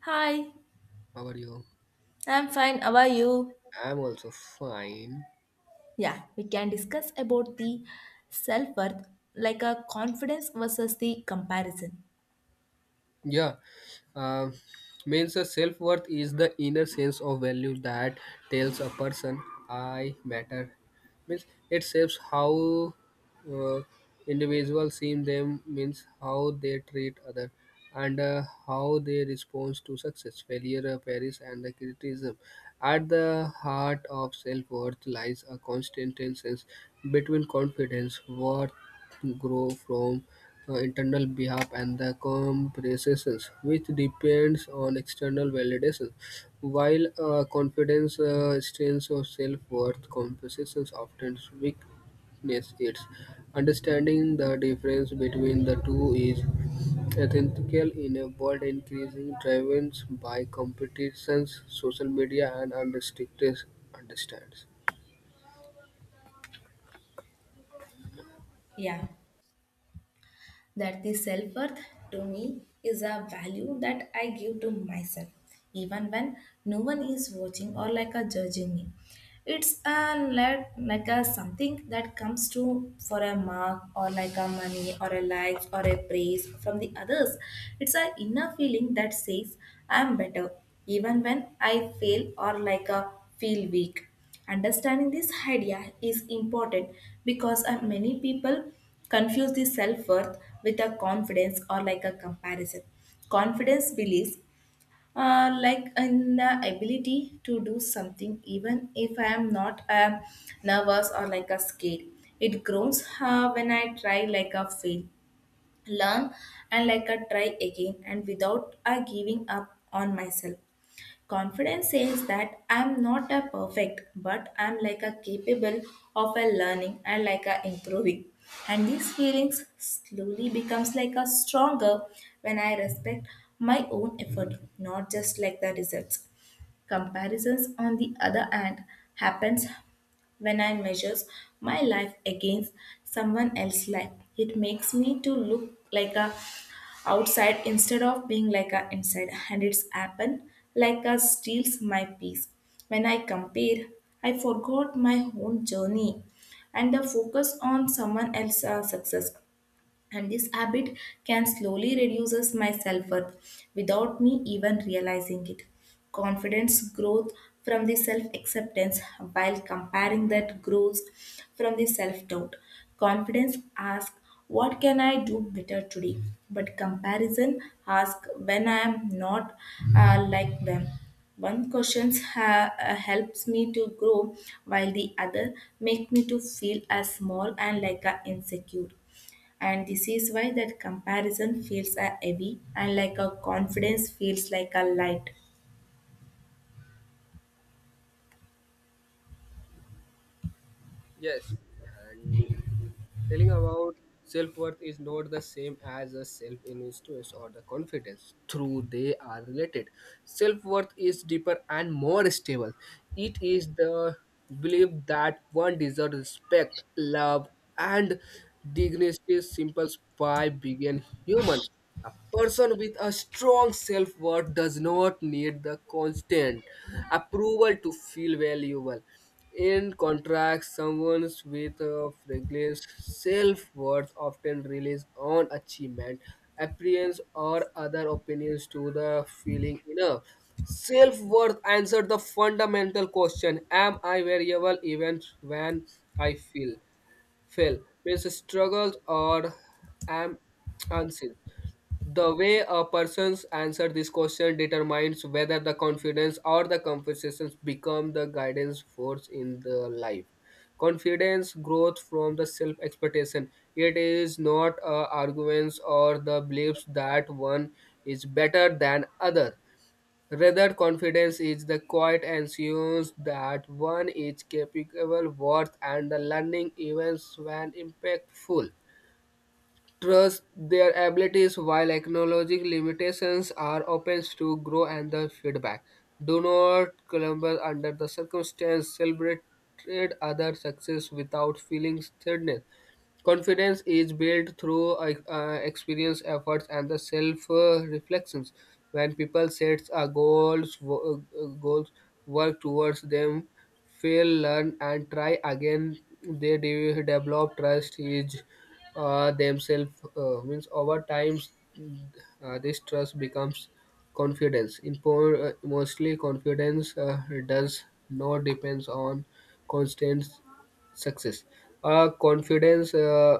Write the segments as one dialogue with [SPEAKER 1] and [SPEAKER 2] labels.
[SPEAKER 1] Hi,
[SPEAKER 2] How are you?
[SPEAKER 1] I'm fine. How are you?
[SPEAKER 2] I'm also fine.
[SPEAKER 1] Yeah, we can discuss about the self worth, like a confidence versus the comparison.
[SPEAKER 2] Yeah. Um means a self worth is the inner sense of value that tells a person I matter. Means it shapes how uh, individuals see them. Means how they treat other and how they respond to success, failure, praise, and the criticism. At the heart of self worth lies a constant tension between confidence, worth grow from internal behalf and the comparisons, which depends on external validation. While confidence, strength, or self-worth comparisons often weakness its understanding the difference between the two is ethical in a world increasing driven by competitions, social media, and unrestricted understands.
[SPEAKER 1] Yeah. That the self worth to me is a value that I give to myself, even when no one is watching or like a judging me. It's a like a something that comes to for a mark or like a money or a likes or a praise from the others. It's a inner feeling that says I'm better, even when I fail or like a feel weak. Understanding this idea is important because many people confuse the self worth with a confidence or like a comparison. Confidence believes, like in the ability to do something, even if I am not nervous or like a scared. It grows when I try like a fail, learn, and like a try again, and without giving up on myself. Confidence says that I'm not a perfect, but I'm like a capable of a learning and like a improving. And these feelings slowly becomes like a stronger when I respect my own effort, not just like the results. Comparisons on the other hand happens when I measures my life against someone else's life. It makes me to look like a outside instead of being like a inside, and it's happen like a steals my peace when I compare. I forgot my own journey and the focus on someone else's success. And this habit can slowly reduces my self-worth without me even realizing it. Confidence growth from the self-acceptance, while comparing that grows from the self-doubt. Confidence asks, what can I do better today? But comparison asks when I am not like them. One question helps me to grow, while the other make me to feel as small and like a insecure. And this is why that comparison feels a heavy and like a confidence feels like a light.
[SPEAKER 2] Yes, and telling about self worth is not the same as a self influence or the confidence. True, they are related. Self worth is deeper and more stable. It is the belief that one deserves respect, love, and dignity simple by being humans. A person with a strong self worth does not need the constant approval to feel valuable. In contrast, someone with a fragile self-worth often relies on achievement, appearance, or other opinions to the feeling enough. Self-worth answers the fundamental question: am I variable even when I feel fail? Means struggles or am unseen. The way a person's answer this question determines whether the confidence or the conversations become the guidance force in the life. Confidence growth from the self-expectation. It is not arguments or the beliefs that one is better than other. Rather, confidence is the quiet assurance that one is capable, worth, and the learning events when impactful trust their abilities while acknowledging limitations are open to grow and the feedback. Do not crumble under the circumstance, celebrate other success without feeling sadness. Confidence is built through experience, efforts, and the self reflections. When people set a goals, goals, work towards them, fail, learn, and try again, they develop trust is themselves. Means over time, this trust becomes confidence. Mostly, confidence does not depends on constant success. A confidence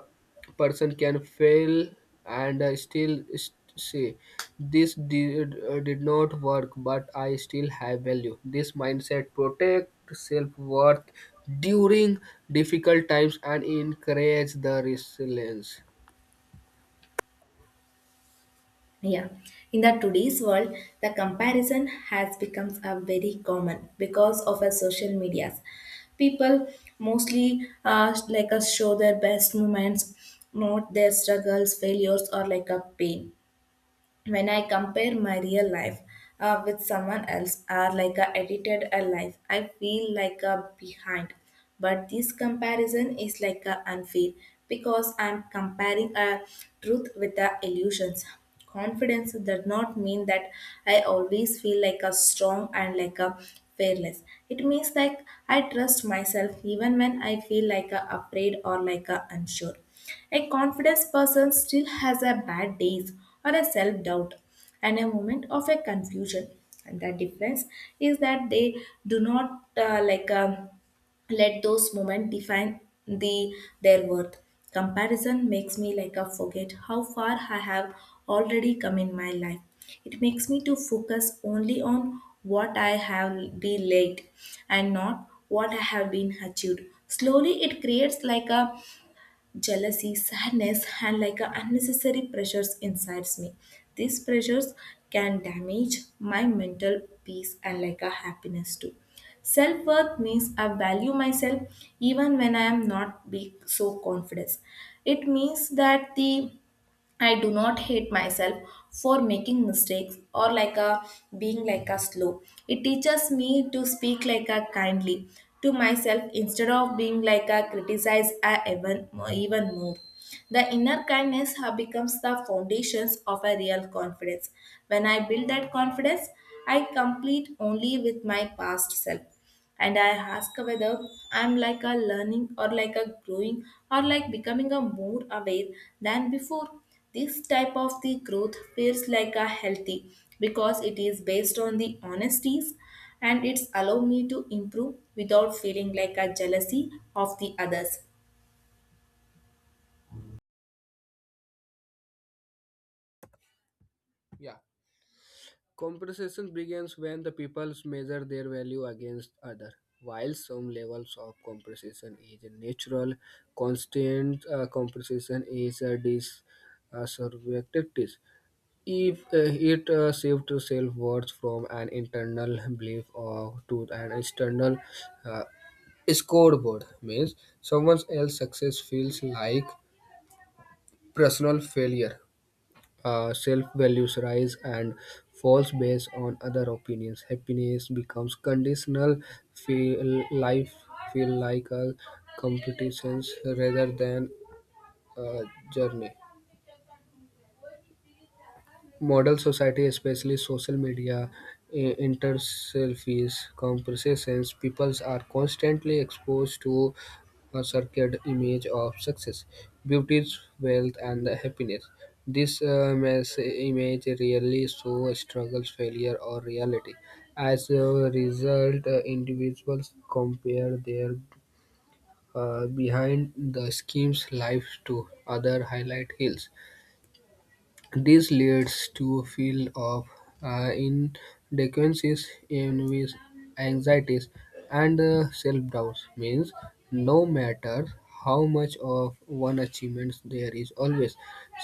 [SPEAKER 2] person can fail and still say this did not work, but I still have value. This mindset protect self-worth during difficult times and encourage the resilience.
[SPEAKER 1] Yeah, in the today's world the comparison has become a very common because of our social medias. People mostly like us show their best moments, not their struggles, failures, or like a pain. When I compare my real life with someone else or like a edited a life, I feel like a behind. But this comparison is like a unfair because I'm comparing a truth with the illusions. Confidence does not mean that I always feel like a strong and like a fearless. It means like I trust myself even when I feel like a afraid or like a unsure. A confident person still has a bad days or a self doubt and a moment of a confusion. And the difference is that they do not like let those moments define the their worth. Comparison makes me like a forget how far I have already come in my life. It makes me to focus only on what I have been late and not what I have been achieved. Slowly, it creates like a jealousy, sadness, and like a unnecessary pressures inside me. These pressures can damage my mental peace and like a happiness too. Self worth means I value myself even when I am not being so confident. It means that the I do not hate myself for making mistakes or like a being like a slow. It teaches me to speak like a kindly to myself instead of being like a criticize a even more. The inner kindness becomes the foundations of a real confidence. When I build that confidence, I complete only with my past self and I ask whether I'm like a learning or like a growing or like becoming a more aware than before. This type of the growth feels like a healthy because it is based on the honesties and it's allow me to improve without feeling like a jealousy of the others.
[SPEAKER 2] Yeah. Compensation begins when the peoples measure their value against other. While some levels of compensation is natural, constant compensation is a subjective. If it shifts self-worth from an internal belief or to an external uh, scoreboard, means someone else's success feels like personal failure, self values rise and falls based on other opinions. Happiness becomes conditional. Feel life feel like a competition rather than a journey. Model society, especially social media, interselfies, comparisons, people are constantly exposed to a circuit image of success, beauty, wealth, and happiness. This mass image rarely shows struggles, failure, or reality. As a result, individuals compare their behind the schemes lives to other highlight hills. This leads to a field of inadequacies, envies, anxieties, and self-doubts. Means no matter how much of one achievement there is always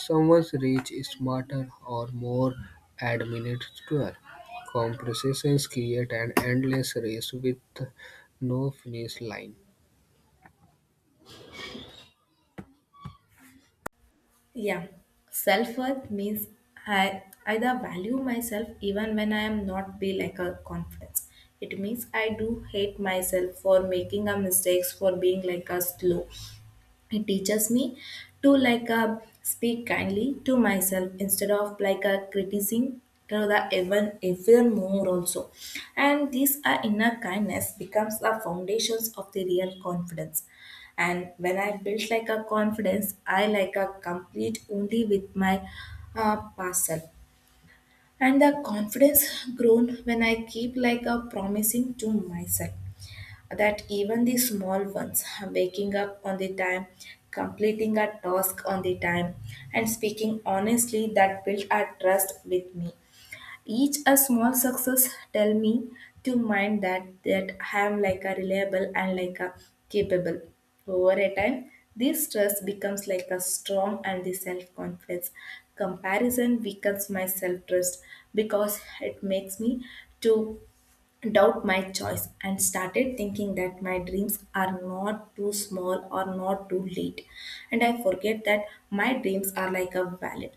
[SPEAKER 2] someone rich, smarter, or more administrator. Comparisons create an endless race with no finish line.
[SPEAKER 1] Yeah, self worth means I either value myself even when I am not be like a confidence. It means I do hate myself for making a mistakes for being like a slow. It teaches me to like speak kindly to myself instead of like criticizing to the even more also. And this inner kindness becomes the foundations of the real confidence. And when I built like a confidence, I like a complete only with my past self. And the confidence grown when I keep like a promising to myself that even the small ones, waking up on the time, completing a task on the time, and speaking honestly, that built a trust with me. Each a small success tell me to mind that I am like a reliable and like a capable. Over a time, this trust becomes like a strong and the self confidence. Comparison weakens my self trust because it makes me to doubt my choice and started thinking that my dreams are not too small or not too late. And I forget that my dreams are like a valid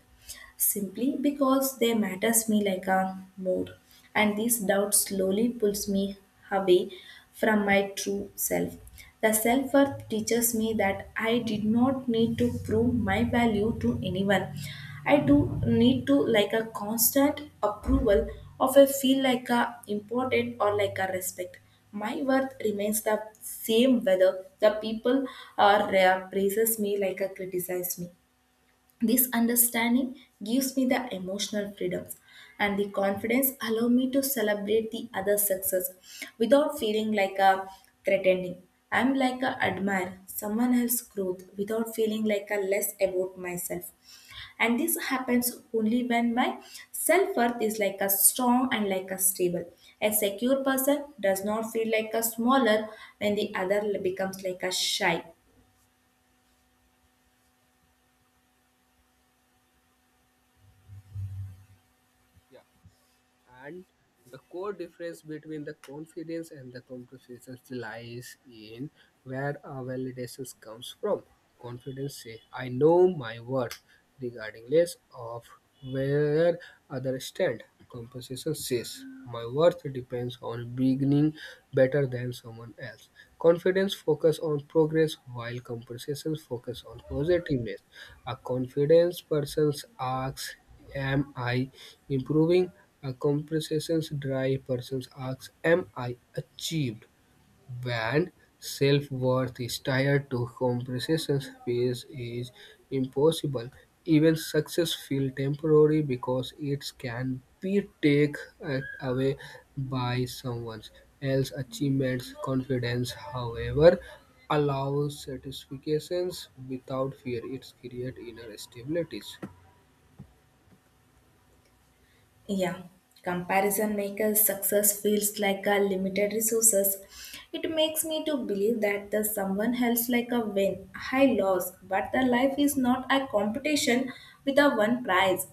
[SPEAKER 1] simply because they matters me like a mood. And this doubt slowly pulls me away from my true self. The self worth teaches me that I did not need to prove my value to anyone. I do need to like a constant approval of a feel like a important or like a respect. My worth remains the same whether the people are praises me like a criticize me. This understanding gives me the emotional freedoms, and the confidence allow me to celebrate the other success without feeling like a threatening. I'm like a admire someone else's growth without feeling like a less about myself. And this happens only when my self-worth is like a strong and like a stable. A secure person does not feel like a smaller when the other becomes like a shy.
[SPEAKER 2] Yeah. And the core difference between the confidence and the competition lies in where our validation comes from. Confidence says, I know my worth, regardless of where others stand. Compensation says, my worth depends on beginning better than someone else. Confidence focus on progress while compensation focus on positiveness. A confident person asks, am I improving? A comprehensive, dry person asks, am I achieved? When self-worth is tied to compensation, peace is impossible. Even success feels temporary because it can be taken away by someone else's achievements. Confidence, however, allows satisfactions without fear. It creates inner stabilities.
[SPEAKER 1] Yeah, comparison makers success feels like a limited resources. It makes me to believe that the someone else like a win, high loss, but the life is not a competition with a one prize.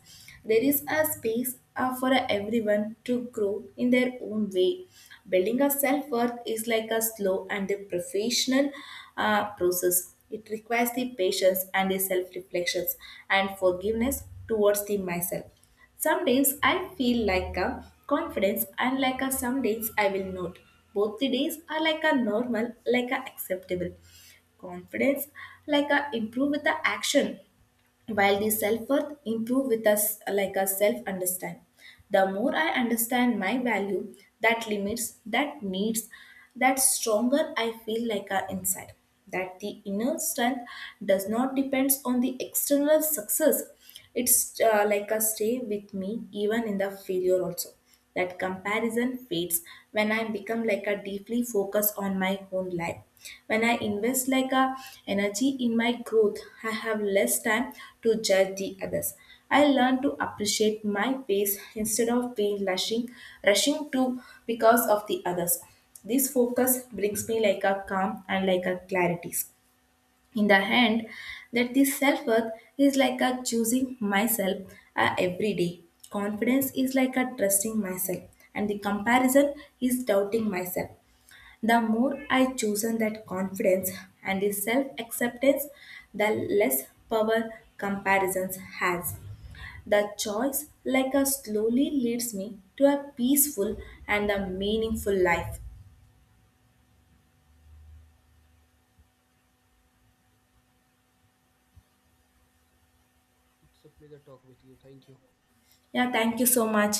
[SPEAKER 1] There is a space for everyone to grow in their own way. Building a self worth is like a slow and a professional process. It requires the patience and the self reflections and forgiveness towards the myself. Some days I feel like a confidence and like a some days I will not. Both the days are like a normal, like a acceptable. Confidence like a improve with the action while the self-worth improve with us like a self-understand. The more I understand my value, that limits that needs, that stronger I feel like a inside. That the inner strength does not depends on the external success. It's like a stay with me even in the failure also. That comparison fades when I become like a deeply focused on my own life. When I invest like a energy in my growth, I have less time to judge the others. I learn to appreciate my pace instead of being rushing to because of the others. This focus brings me like a calm and like a clarity in the hand that this self-worth is like a choosing myself every day. Confidence is like a trusting myself and the comparison is doubting myself. The more I chosen that confidence and the self-acceptance, the less power comparisons has. The choice like a slowly leads me to a peaceful and a meaningful life.
[SPEAKER 2] It's a pleasure talk with you. Thank you.
[SPEAKER 1] Yeah, thank you so much.